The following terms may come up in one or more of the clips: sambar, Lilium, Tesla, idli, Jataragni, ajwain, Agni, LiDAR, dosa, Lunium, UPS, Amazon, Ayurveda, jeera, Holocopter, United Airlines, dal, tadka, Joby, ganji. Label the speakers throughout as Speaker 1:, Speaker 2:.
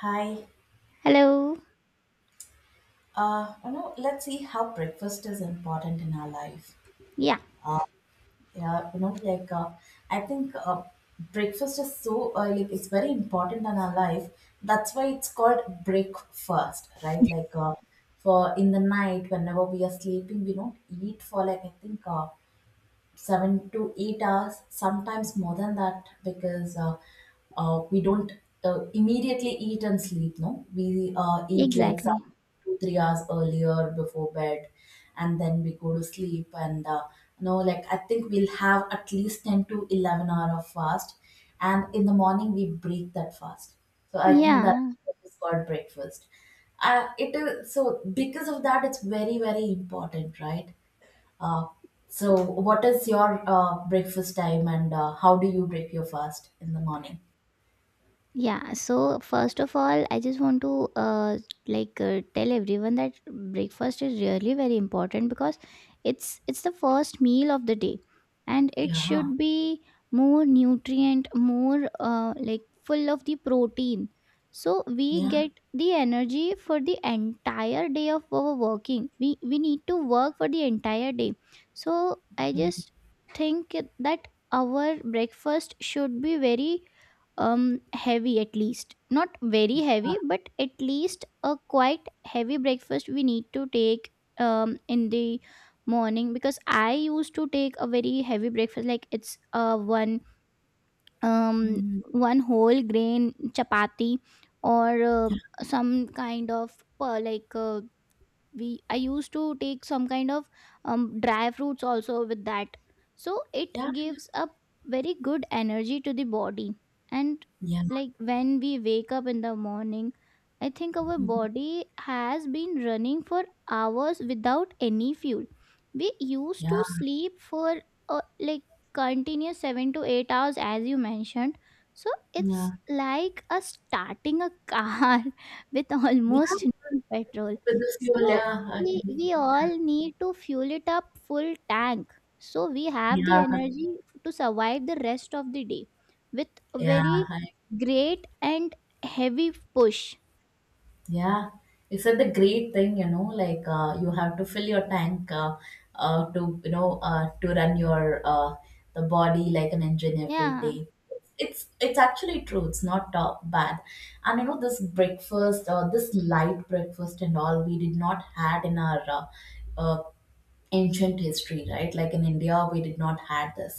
Speaker 1: Hi.
Speaker 2: Hello.
Speaker 1: You know, let's see how breakfast is important in our life.
Speaker 2: Yeah,
Speaker 1: Uh, yeah, you know, like I think Breakfast is like it's very important in our life. That's why it's called breakfast, right? For in the night, whenever we are sleeping, we don't eat for like I think 7 to 8 hours, sometimes more than that, because we don't immediately eat and sleep. No, we eat like some
Speaker 2: exactly.
Speaker 1: 2 3 hours earlier before bed, and then we go to sleep. And you know, like I think we'll have at least 10 to 11 hour of fast, and in the morning we break that fast. So I think that
Speaker 2: Yeah,
Speaker 1: is called breakfast. It is so because of that, it's very very important, right? Uh, so, what is your breakfast time and how do you break your fast in the morning?
Speaker 2: Yeah, so first of all, I just want to tell everyone that breakfast is really very important because it's the first meal of the day, and it
Speaker 1: Yeah,
Speaker 2: should be more nutrient, more like full of the protein, so we
Speaker 1: yeah,
Speaker 2: get the energy for the entire day of our working. We need to work for the entire day, so I
Speaker 1: yeah,
Speaker 2: just think that our breakfast should be very heavy, at least not very
Speaker 1: uh,
Speaker 2: heavy but at least a quite heavy breakfast we need to take in the morning because I used to take a very heavy breakfast, like it's one um
Speaker 1: mhm,
Speaker 2: one whole grain chapati or
Speaker 1: yeah,
Speaker 2: some kind of like we I used to take some kind of dry fruits also with that, so it
Speaker 1: yeah, yeah,
Speaker 2: gives a very good energy to the body. And
Speaker 1: yeah,
Speaker 2: like when we wake up in the morning, I think our
Speaker 1: mhm,
Speaker 2: body has been running for hours without any fuel. We used
Speaker 1: yeah,
Speaker 2: to sleep for uh, like continuous 7 to 8 hours, as you mentioned. So
Speaker 1: yeah,
Speaker 2: it's like a starting a car with
Speaker 1: yeah.
Speaker 2: almost no petrol,
Speaker 1: With this fuel,
Speaker 2: so
Speaker 1: yeah, I
Speaker 2: we
Speaker 1: agree.
Speaker 2: we all need to fuel it up full tank so we have the
Speaker 1: Yeah,
Speaker 2: energy to survive the rest of the day with a
Speaker 1: yeah,
Speaker 2: very
Speaker 1: I
Speaker 2: great and heavy push.
Speaker 1: Yeah, you said the great thing, you know, you have to fill your tank, to, you know, to run your the body like an engine every
Speaker 2: Yeah,
Speaker 1: day. It's actually true. It's not bad, and you know this breakfast, this light breakfast and all we did not had in our uh, ancient history, right? Like in India we did not had this,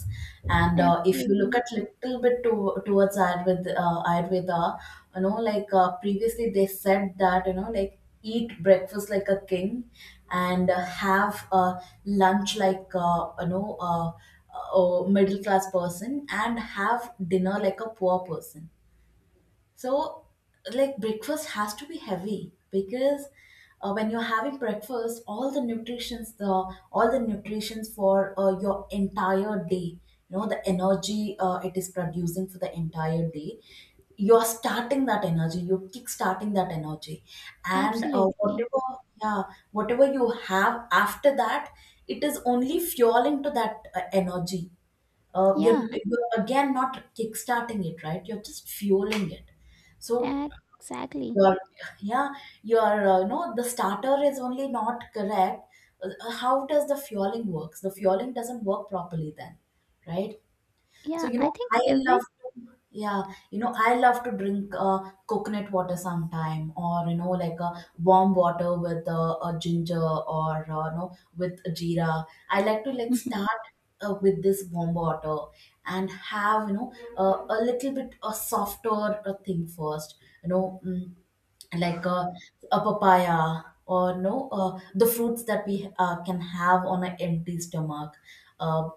Speaker 1: and if you look
Speaker 2: absolutely.
Speaker 1: at little bit towards Ayurveda, Ayurveda, you know, previously they said that you know like eat breakfast like a king, and have lunch like, a middle class person, and have dinner like a poor person. So, like breakfast has to be heavy because when you're having breakfast, all the nutritions, the all the nutritions for your entire day, you know, the energy it is producing for the entire day, you're starting that energy, you're kick-starting that energy, and
Speaker 2: Absolutely.
Speaker 1: whatever, yeah, whatever you have after that, it is only fueling to that energy.
Speaker 2: Yeah,
Speaker 1: You're again not kickstarting it, right? You're just fueling it. So
Speaker 2: exactly.
Speaker 1: your yeah, your no, the starter is only not correct. How does the fueling works? The fueling doesn't work properly then, right? So
Speaker 2: Yeah,
Speaker 1: you
Speaker 2: I
Speaker 1: know,
Speaker 2: think
Speaker 1: I love
Speaker 2: every
Speaker 1: to, yeah, you know, I love to drink coconut water sometime, or you know, like a warm water with a ginger or, you know, with a jeera. I like to like start with this warm water, and have, you know, a little bit a softer thing first, you know. Mm, like uh, a papaya or no, the fruits that we can have on an empty stomach, uh,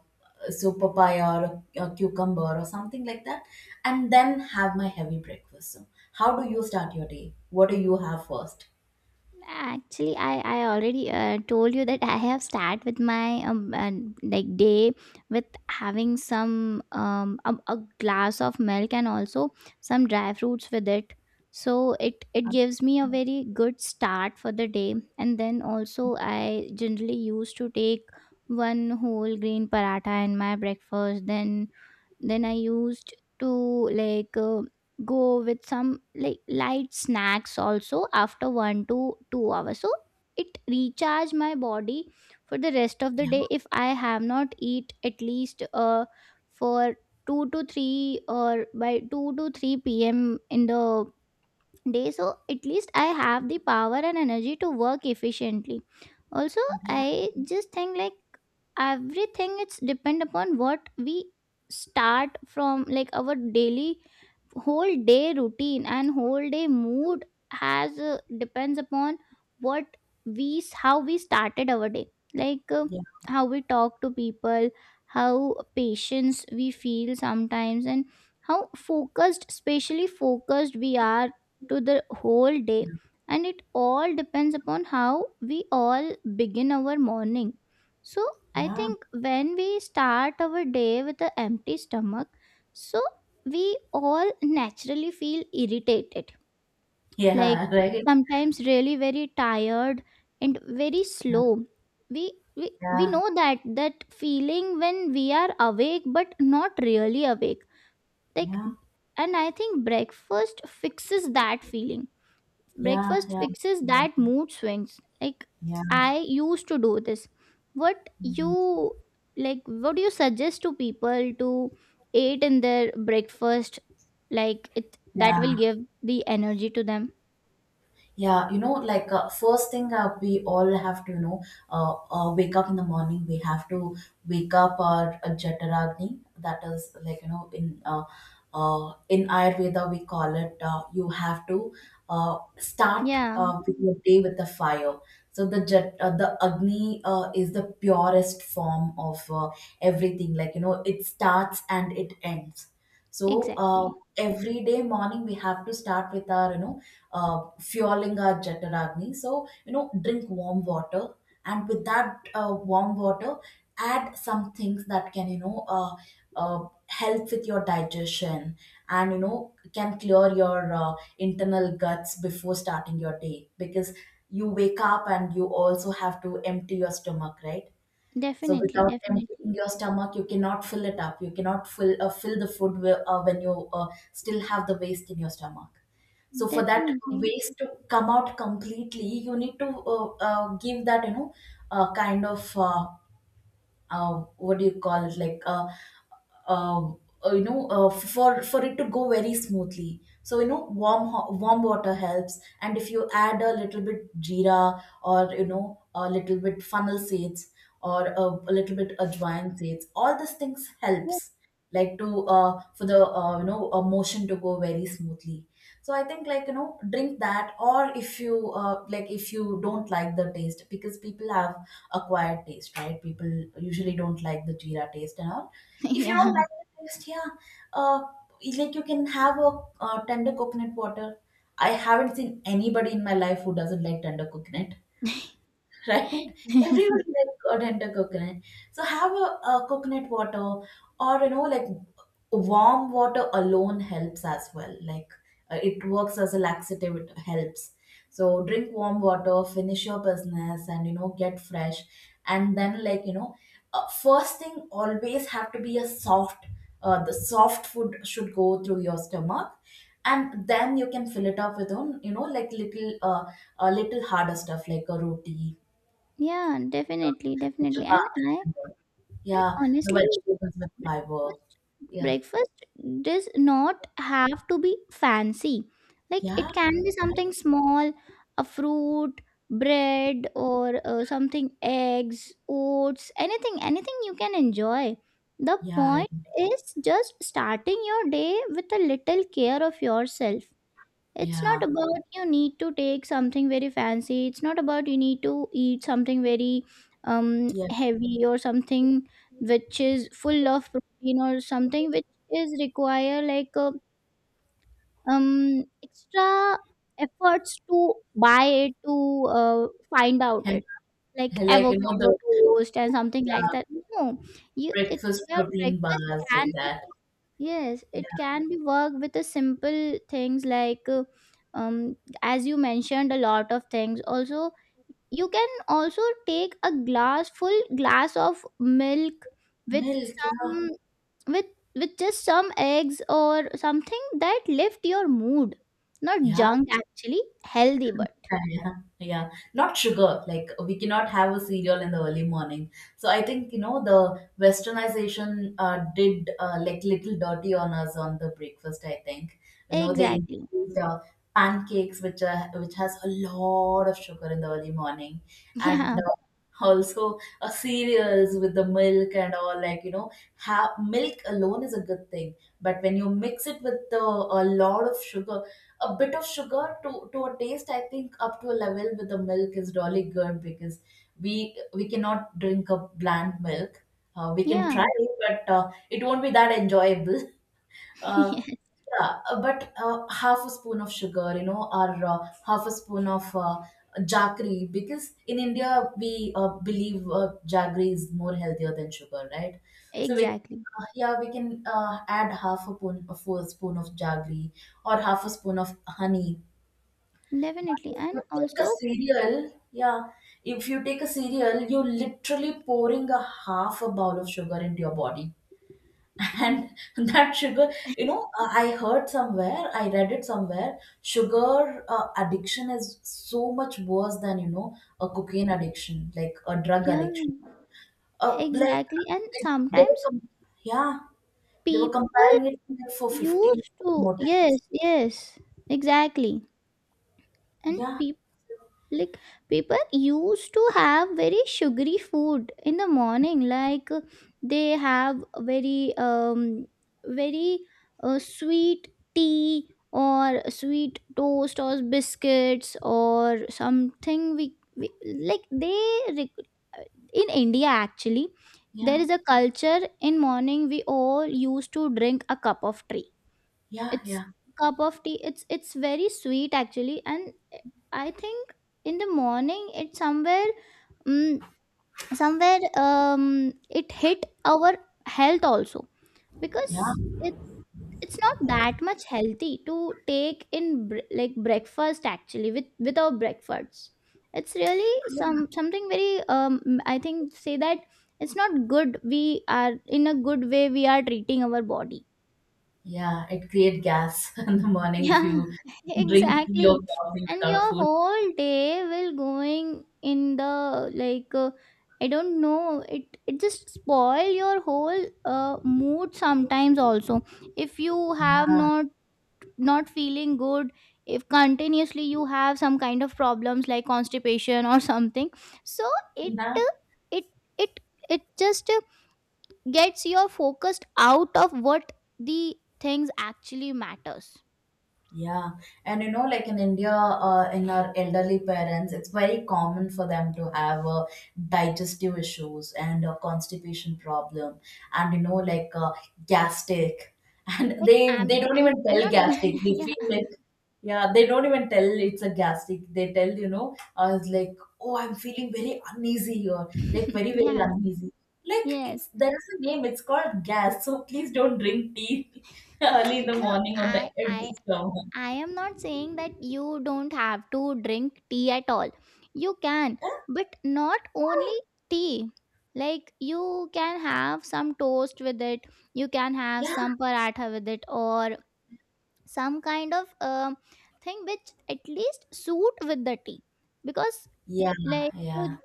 Speaker 1: so papaya or a cucumber or something like that, and then have my heavy breakfast. So how do you start your day? What do you have first?
Speaker 2: actually, I already told you that I have start with my like day with having some a glass of milk and also some dry fruits with it. So it
Speaker 1: Uh,
Speaker 2: gives me a very good start for the day. And then also I generally used to take one whole green paratha in my breakfast. Then I used to like uh, go with some like light snacks also after 1 to 2 hours, so it recharge my body for the rest of the
Speaker 1: yeah,
Speaker 2: day. If I have not eat at least for 2 to 3, or by 2 to 3 p.m. in the day, so at least I have the power and energy to work efficiently also.
Speaker 1: yeah,
Speaker 2: I just think like everything, it's depend upon what we start from, like our daily whole day routine and whole day mood has depends upon what how we started our day, like uh,
Speaker 1: yeah,
Speaker 2: how we talk to people, how patience we feel sometimes, and how focused, especially focused we are to the whole day. And it all depends upon how we all begin our morning. So I
Speaker 1: yeah,
Speaker 2: think when we start our day with an empty stomach, so we all naturally feel irritated, like
Speaker 1: yeah, right,
Speaker 2: sometimes really very tired and very
Speaker 1: yeah,
Speaker 2: slow. We
Speaker 1: yeah,
Speaker 2: know that that feeling when we are awake but not really awake, like.
Speaker 1: yeah,
Speaker 2: And I think breakfast fixes that feeling.
Speaker 1: yeah,
Speaker 2: Breakfast
Speaker 1: yeah,
Speaker 2: fixes that mood swings, like
Speaker 1: yeah, yeah,
Speaker 2: I used to do this. What you like, what do you suggest to people to eat in their breakfast, like it, that will
Speaker 1: yeah.
Speaker 2: give the energy to them?
Speaker 1: Yeah, you know, first thing, we all have to, you know, wake up in the morning. We have to wake up our Jataragni. That is like you know, in Ayurveda we call it. You have to start
Speaker 2: Yeah,
Speaker 1: with your day with the fire. So the jet, the Agni is the purest form of everything. Like you know, it starts and it ends. So
Speaker 2: exactly.
Speaker 1: every day morning we have to start with our, you know, fueling our Jataragni. So, you know, drink warm water, and with that warm water, add some things that can, you know, help with your digestion and, you know, can clear your internal guts before starting your day, because you wake up and you also have to empty your stomach, right? So
Speaker 2: Definitely.
Speaker 1: without
Speaker 2: Definitely.
Speaker 1: emptying your stomach, you cannot fill it up. You cannot fill fill the food where, when you still have the waste in your stomach. So for that
Speaker 2: Definitely.
Speaker 1: waste to come out completely, you need to give that you know kind of what do you call it, uh, for it to go very smoothly. So you know, warm water helps, and if you add a little bit jeera, or you know a little bit funnel seeds or a little bit ajwain seeds, all these things helps, like to for the you know, a motion to go very smoothly. So I think like you know, drink that, or if you like if you don't like the taste, because people have acquired taste, right? People usually don't like the jeera taste and all. If you
Speaker 2: Yeah.
Speaker 1: don't like the taste, yeah, uh, like you can have a tender coconut water. I haven't seen anybody in my life who doesn't like tender coconut right? Everybody like got into coconut. So have a coconut water, or you know, like warm water alone helps as well. Like it works as a laxative. It helps. So drink warm water, finish your business, and you know get fresh. And then like you know, first thing always have to be a soft. The soft food should go through your stomach, and then you can fill it up with own. You know, like little a little harder stuff like a roti
Speaker 2: Yeah, definitely,
Speaker 1: with
Speaker 2: definitely. and
Speaker 1: chapatis
Speaker 2: i
Speaker 1: and all.
Speaker 2: and
Speaker 1: Yeah, the
Speaker 2: honestly,
Speaker 1: vegetables with fiber.
Speaker 2: breakfast
Speaker 1: Yeah,
Speaker 2: breakfast does not have to be fancy. Like
Speaker 1: yeah,
Speaker 2: it can be something small, a fruit, bread, or something, eggs, oats, anything, anything you can enjoy. The
Speaker 1: yeah,
Speaker 2: point is just starting your day with a little care of yourself. It's
Speaker 1: yeah,
Speaker 2: not about you need to take something very fancy. It's not about you need to eat something very
Speaker 1: yeah.
Speaker 2: heavy or something which is full of protein, or something which is require extra efforts to buy it, to find out
Speaker 1: And,
Speaker 2: it, like
Speaker 1: and like you know
Speaker 2: avocado
Speaker 1: the
Speaker 2: toast and something like
Speaker 1: yeah,
Speaker 2: that. No, you it
Speaker 1: breakfast
Speaker 2: your
Speaker 1: protein
Speaker 2: breakfast
Speaker 1: bars like
Speaker 2: can be.
Speaker 1: that.
Speaker 2: Yes,
Speaker 1: Yeah,
Speaker 2: it can be worked with the simple things, um as you mentioned, a lot of things. Also, you can also take a glass, full glass of milk with
Speaker 1: milk. Yeah,
Speaker 2: some, with with just some eggs or something that lift your mood. Not
Speaker 1: yeah.
Speaker 2: junk, actually healthy but
Speaker 1: Yeah, yeah, yeah. Not sugar. Like we cannot have a cereal in the early morning. So I think you know the westernization did like little dirty on us on the breakfast. I think you know they
Speaker 2: exactly.
Speaker 1: introduced pancakes, which has a lot of sugar in the early morning, and
Speaker 2: Yeah.
Speaker 1: also cereals with the milk and all. Like you know, have milk alone is a good thing, but when you mix it with a lot of sugar, a bit of sugar to a taste, I think up to a level with the milk is really good, because we we cannot drink a bland milk. We can try
Speaker 2: Yeah.
Speaker 1: it, but it won't be that enjoyable uh, yeah, but half a spoon of sugar, you know, or half a spoon of jaggery, because in India we believe jaggery is more healthier than sugar, right? So we
Speaker 2: Exactly.
Speaker 1: yeah, we can add half a spoon, a full spoon of jaggery, or half a spoon of honey. But
Speaker 2: Definitely.
Speaker 1: if
Speaker 2: And
Speaker 1: you take a
Speaker 2: also,
Speaker 1: cereal, yeah, if you take a cereal, you're literally pouring a half a bowl of sugar into your body. And that sugar, you know, I heard somewhere, I read it somewhere, sugar addiction is so much worse than, you know, a cocaine addiction, like a drug
Speaker 2: yeah,
Speaker 1: addiction. Uh, like,
Speaker 2: exactly. And
Speaker 1: it- they were
Speaker 2: sometimes
Speaker 1: com- yeah, they were
Speaker 2: people
Speaker 1: comparing it to, like for 15
Speaker 2: used to,
Speaker 1: more times.
Speaker 2: yes, yes, exactly. And
Speaker 1: Yeah,
Speaker 2: people like people used to have very sugary food in the morning, they have very very sweet tea, or sweet toast, or biscuits, or something we like they re- in India actually,
Speaker 1: yeah,
Speaker 2: there is a culture, in morning we all used to drink a cup of tea.
Speaker 1: yeah,
Speaker 2: It's
Speaker 1: yeah,
Speaker 2: cup of tea, it's very sweet actually. And I think in the morning it somewhere, mm, somewhere it hit our health also. Because
Speaker 1: yeah.
Speaker 2: it's not that much healthy to take in like breakfast actually, with our breakfasts. It's really some something very I think say that it's not good, we are in a good way we are treating our body.
Speaker 1: Yeah, it creates gas in the morning if
Speaker 2: Yeah,
Speaker 1: you drink tea or
Speaker 2: exactly.
Speaker 1: coffee
Speaker 2: And
Speaker 1: without
Speaker 2: your
Speaker 1: food.
Speaker 2: whole day will going in the I don't know, it just spoil your whole mood sometimes also. If you have
Speaker 1: Yeah,
Speaker 2: not not feeling good, if continuously you have some kind of problems like constipation or something, so it
Speaker 1: yeah,
Speaker 2: uh, it it it just gets your focused out of what the things actually matters.
Speaker 1: yeah. And you know, like in India, in our elderly parents, it's very common for them to have digestive issues and a constipation problem, and you know, gastric. And
Speaker 2: Like
Speaker 1: they
Speaker 2: I'm
Speaker 1: don't
Speaker 2: I'm
Speaker 1: even
Speaker 2: I'm
Speaker 1: tell
Speaker 2: not
Speaker 1: gastric. They
Speaker 2: yeah.
Speaker 1: feel like. Yeah, they don't even tell it's a gastric. They tell, you know, I was like, oh, I'm feeling very uneasy, or like very, very
Speaker 2: Yes,
Speaker 1: uneasy. Like it's
Speaker 2: yes.
Speaker 1: there is a name, it's called gas. So please don't drink tea early in the
Speaker 2: No,
Speaker 1: morning on the
Speaker 2: I
Speaker 1: empty
Speaker 2: I
Speaker 1: stomach.
Speaker 2: I am not saying that you don't have to drink tea at all. You can, but not only tea. Like you can have some toast with it, you can have
Speaker 1: Yeah,
Speaker 2: some paratha with it, or some kind of thing which at least suit with the tea. Because
Speaker 1: yeah,
Speaker 2: like
Speaker 1: yeah,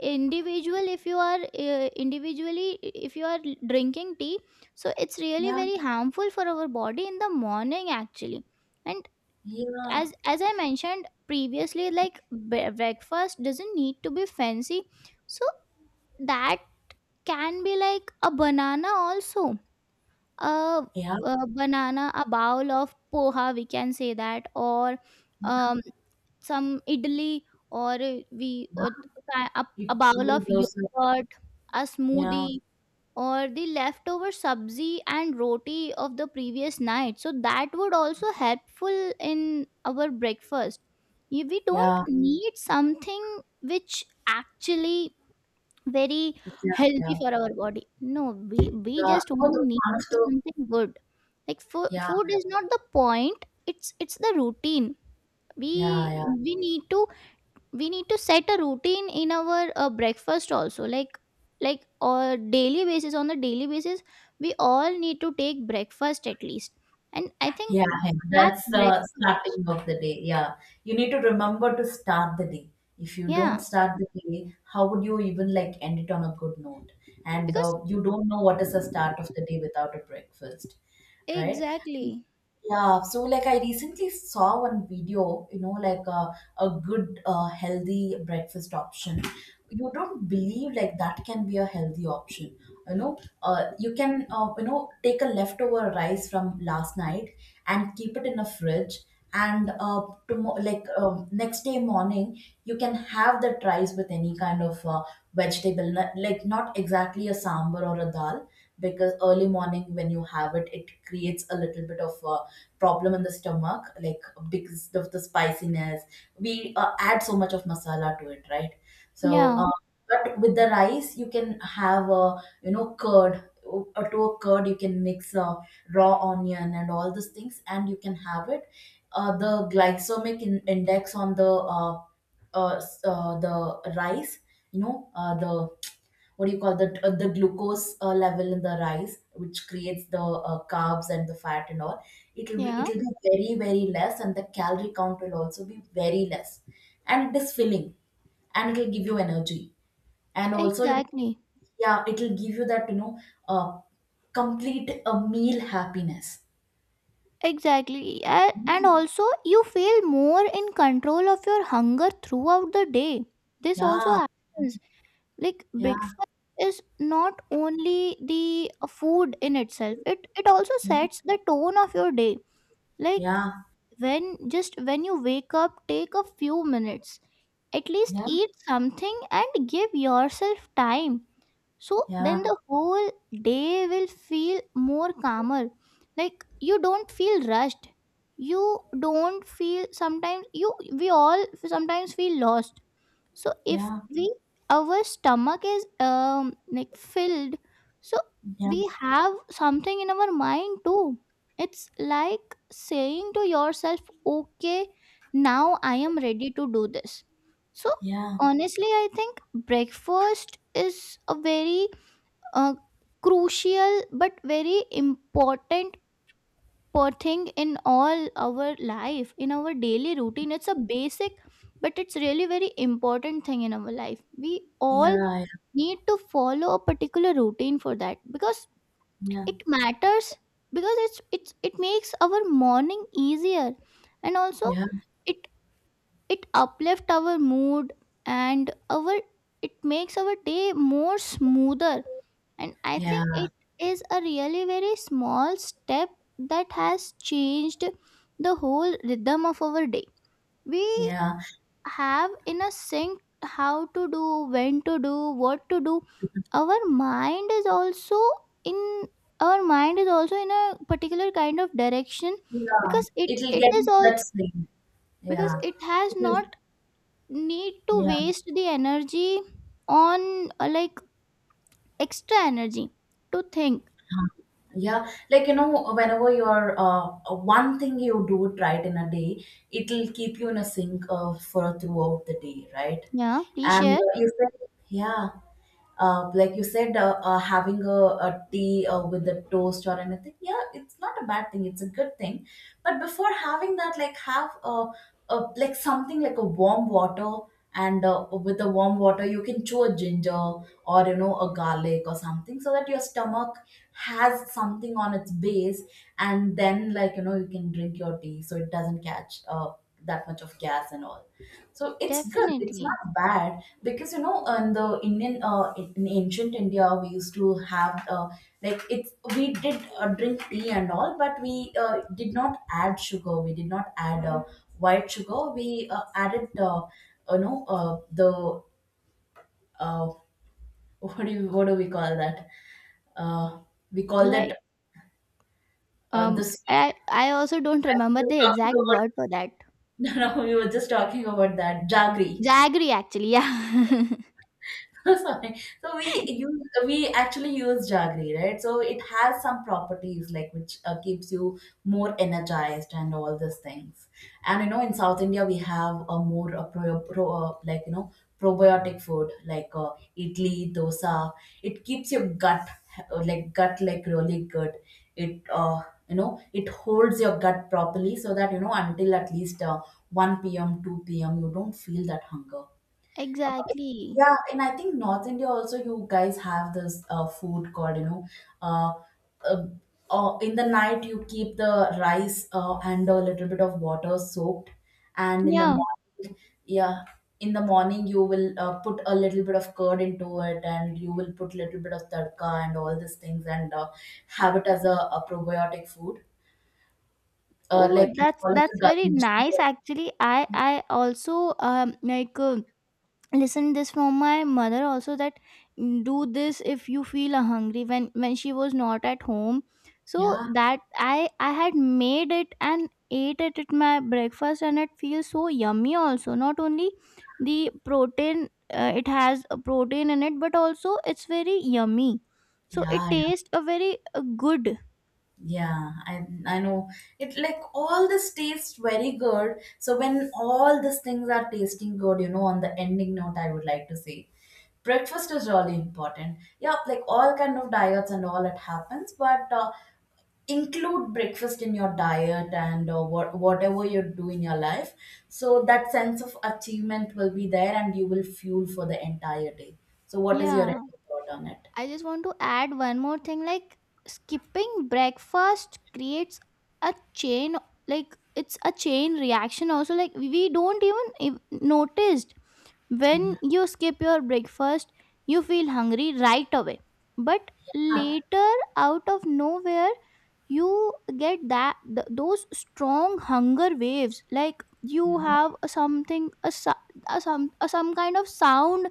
Speaker 2: individually if you are drinking tea, so it's really
Speaker 1: yeah,
Speaker 2: very harmful for our body in the morning actually. And
Speaker 1: yeah,
Speaker 2: as I mentioned previously, like breakfast doesn't need to be fancy, so that can be like a banana also, a,
Speaker 1: yeah.
Speaker 2: a banana, a bowl of poha, we can say that, or um some idli, or we or ki-
Speaker 1: It,
Speaker 2: a bowl of
Speaker 1: those.
Speaker 2: yogurt, a
Speaker 1: Yeah, yeah,
Speaker 2: smoothie, or the leftover sabzi and roti of the previous night. So that would also helpful in our breakfast. We don't
Speaker 1: yeah,
Speaker 2: need something which actually very
Speaker 1: yeah, yeah.
Speaker 2: healthy for our body. No, we,
Speaker 1: You
Speaker 2: we
Speaker 1: know,
Speaker 2: just only
Speaker 1: the
Speaker 2: need
Speaker 1: one of the,
Speaker 2: something good. Like
Speaker 1: yeah,
Speaker 2: food is not the point. It's the routine
Speaker 1: yeah,
Speaker 2: we
Speaker 1: yeah.
Speaker 2: we need to we need to set a routine in our breakfast also, like or daily basis, on the daily basis we all need to take breakfast at least. And I think
Speaker 1: Yeah, yeah,
Speaker 2: that's
Speaker 1: that's the
Speaker 2: breakfast.
Speaker 1: starting of the day. Yeah, you need to remember to start the day. If you don't
Speaker 2: Yeah,
Speaker 1: start the day, how would you even like end it on a good note? And
Speaker 2: because
Speaker 1: you don't know what is the start of the day without a breakfast, right?
Speaker 2: exactly.
Speaker 1: Yeah, so like I recently saw one video, you know, a good healthy breakfast option. You don't believe like that can be a healthy option. You can take a leftover rice from last night and keep it in a fridge, and tomorrow next day morning you can have that rice with any kind of vegetable, like not exactly a sambar or a dal, because early morning when you have it, it creates a little bit of problem in the stomach, like because of the spiciness we add so much of masala to it, right? so
Speaker 2: Yeah,
Speaker 1: um, but with the rice you can have a, curd. To a curd you can mix raw onion and all these things, and you can have it. The glycemic index on the uh, the rice, you know the, what do you call that, the glucose level in the rice, which creates the carbs and the fat and all, it'll be
Speaker 2: yeah,
Speaker 1: it'll be very very less, and the calorie count will also be very less, and it is filling, and it'll give you energy, and also you,
Speaker 2: exactly,
Speaker 1: yeah, it'll give you that, uh, complete a meal happiness.
Speaker 2: exactly. And also you feel more in control of your hunger throughout the day. This also
Speaker 1: Yeah,
Speaker 2: happens, like
Speaker 1: yeah,
Speaker 2: breakfast is not only the food in itself, it also sets the tone of your day. Like
Speaker 1: yeah,
Speaker 2: when, just when you wake up, take a few minutes, at least
Speaker 1: yeah,
Speaker 2: eat something and give yourself time, so then
Speaker 1: yeah,
Speaker 2: the whole day will feel more calmer. Like you don't feel rushed, you don't feel, sometimes you, we all sometimes feel lost. So if
Speaker 1: yeah,
Speaker 2: we our stomach is like filled, so
Speaker 1: yeah,
Speaker 2: we have something in our mind too. It's like saying to yourself, okay, now I am ready to do this. So
Speaker 1: yeah,
Speaker 2: honestly, I think breakfast is a very uh, crucial but very important thing in all our life, in our daily routine. It's a basic, but it's really very important thing in our life. We all
Speaker 1: yeah,
Speaker 2: need to follow a particular routine for that, because
Speaker 1: yeah,
Speaker 2: it matters, because it's it makes our morning easier. And also
Speaker 1: yeah,
Speaker 2: it it uplift our mood, and our it makes our day more smoother. And I
Speaker 1: yeah,
Speaker 2: think it is a really very small step that has changed the whole rhythm of our day. We
Speaker 1: yeah.
Speaker 2: have in a sync, how to do, when to do, what to do. our mind is also in our mind is also in a particular kind of direction,
Speaker 1: Yeah,
Speaker 2: because
Speaker 1: it'll
Speaker 2: it
Speaker 1: get
Speaker 2: is
Speaker 1: into
Speaker 2: all,
Speaker 1: that same.
Speaker 2: because
Speaker 1: Yeah,
Speaker 2: it has
Speaker 1: it is.
Speaker 2: not need to
Speaker 1: Yeah,
Speaker 2: waste the energy on extra energy to think.
Speaker 1: huh, yeah. Whenever you're one thing you do it right in a day, it'll keep you in a sync for throughout the day, right?
Speaker 2: Yeah, please
Speaker 1: And
Speaker 2: share.
Speaker 1: you said, yeah. Like you said, having a tea with the toast or anything, yeah, it's not a bad thing. It's a good thing. But before having that, like have a, like, something like a warm water, and with the warm water, you can chew a ginger, or a garlic or something, so that your stomach has something on its base, and then you can drink your tea, so it doesn't catch that much of gas and all. So it's good. It's
Speaker 2: Definitely,
Speaker 1: not bad because, you know, in the Indian, in ancient India, we used to have like it's, we did drink tea and all, but we did not add sugar. We did not add white sugar. We added, the uh, what do you, what do we call that? Uh, we call
Speaker 2: like
Speaker 1: that the sweet.
Speaker 2: I also don't
Speaker 1: I was
Speaker 2: remember
Speaker 1: just
Speaker 2: the
Speaker 1: talking
Speaker 2: exact
Speaker 1: about.
Speaker 2: word for that.
Speaker 1: No, no, we were just talking about that jaggery.
Speaker 2: Jaggery, actually, yeah.
Speaker 1: Sorry. So we use, we actually use jaggery, right? So it has some properties, like, which keeps you more energized and all these things. And you know, in South India, we have a more a pro like, you know, probiotic food like idli, dosa. It keeps your gut like gut like really good. It you know it holds your gut properly, so that you know until at least 1 p.m 2 p.m you don't feel that hunger.
Speaker 2: Exactly.
Speaker 1: Yeah, and I think North India also, you guys have this food called, you know, uh, uh, in the night you keep the rice and a little bit of water soaked, and in the
Speaker 2: Yeah.
Speaker 1: morning, yeah, in the morning you will put a little bit of curd into it, and you will put little bit of tadka and all these things, and have it as a probiotic food,
Speaker 2: Oh,
Speaker 1: like you call it a
Speaker 2: that's very
Speaker 1: ganji.
Speaker 2: nice actually. I also like Listen this from my mother also that do this if you feel hungry when she was not at home. So
Speaker 1: Yeah,
Speaker 2: that I had made it and ate it at my breakfast, and it feels so yummy also. Not only the protein, it has a protein in it, but also it's very yummy, so
Speaker 1: yeah,
Speaker 2: it
Speaker 1: yeah.
Speaker 2: tastes a very good.
Speaker 1: Yeah, I know, it like all this tastes very good. So when all these things are tasting good, you know, on the ending note, I would like to say breakfast is really important. Yeah, like all kind of diets and all it happens, but include breakfast in your diet and whatever you do in your life. So that sense of achievement will be there, and you will fuel for the entire day. So what is your
Speaker 2: Yeah,
Speaker 1: thought on it?
Speaker 2: I just want to add one more thing, like skipping breakfast creates a chain, like it's a chain reaction also, like we don't even noticed. When you skip your breakfast, you feel hungry right away, but later, out of nowhere, you get that those strong hunger waves. Like you
Speaker 1: Yeah,
Speaker 2: have a something, a, su- a some kind of sound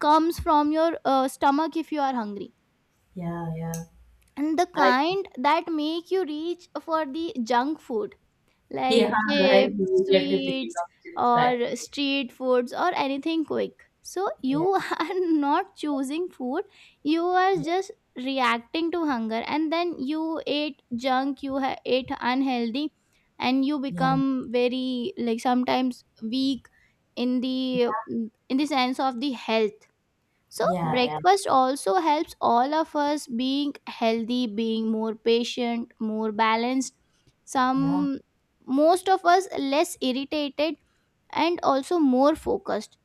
Speaker 2: comes from your stomach if you are hungry.
Speaker 1: yeah,
Speaker 2: And the
Speaker 1: yeah.
Speaker 2: kind that make you reach for the junk food, like
Speaker 1: Yeah, right.
Speaker 2: chips,
Speaker 1: You immediately picking
Speaker 2: sweets,
Speaker 1: up things that,
Speaker 2: or street foods, or anything quick. So you
Speaker 1: yeah,
Speaker 2: are not choosing food, you are just reacting to hunger. And then you ate junk, you ate unhealthy, and you
Speaker 1: yeah,
Speaker 2: become very like sometimes weak in the in the sense of the health. So
Speaker 1: yeah,
Speaker 2: breakfast also helps all of us being healthy, being more patient, more balanced.
Speaker 1: yeah,
Speaker 2: Some, most of us less irritated, and also more focused.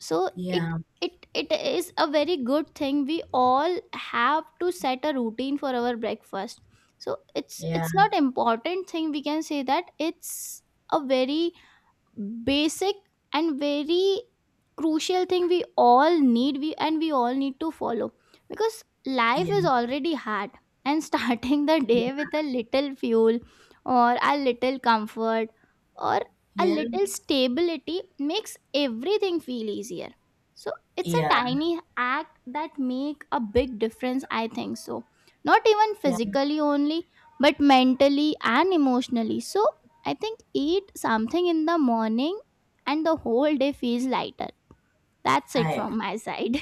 Speaker 2: So it
Speaker 1: yeah, yeah,
Speaker 2: it it is a very good thing. We all have to set a routine for our breakfast. So it's
Speaker 1: yeah,
Speaker 2: it's not important thing, we can say that it's a very basic and very crucial thing, we all need to follow, because life
Speaker 1: yeah,
Speaker 2: is already hard and starting the day with a little fuel, or a little comfort, or a
Speaker 1: yeah,
Speaker 2: little
Speaker 1: yeah,
Speaker 2: stability makes everything feel easier. So it's a
Speaker 1: yeah,
Speaker 2: tiny act that make a big difference, I think so, not even
Speaker 1: yeah.
Speaker 2: physically only, but mentally and emotionally. So I think eat something in the morning, and the whole day feels lighter. That's it
Speaker 1: I,
Speaker 2: from my side.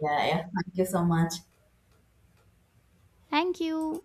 Speaker 1: yeah, yeah. Thank you so much.
Speaker 2: Thank you.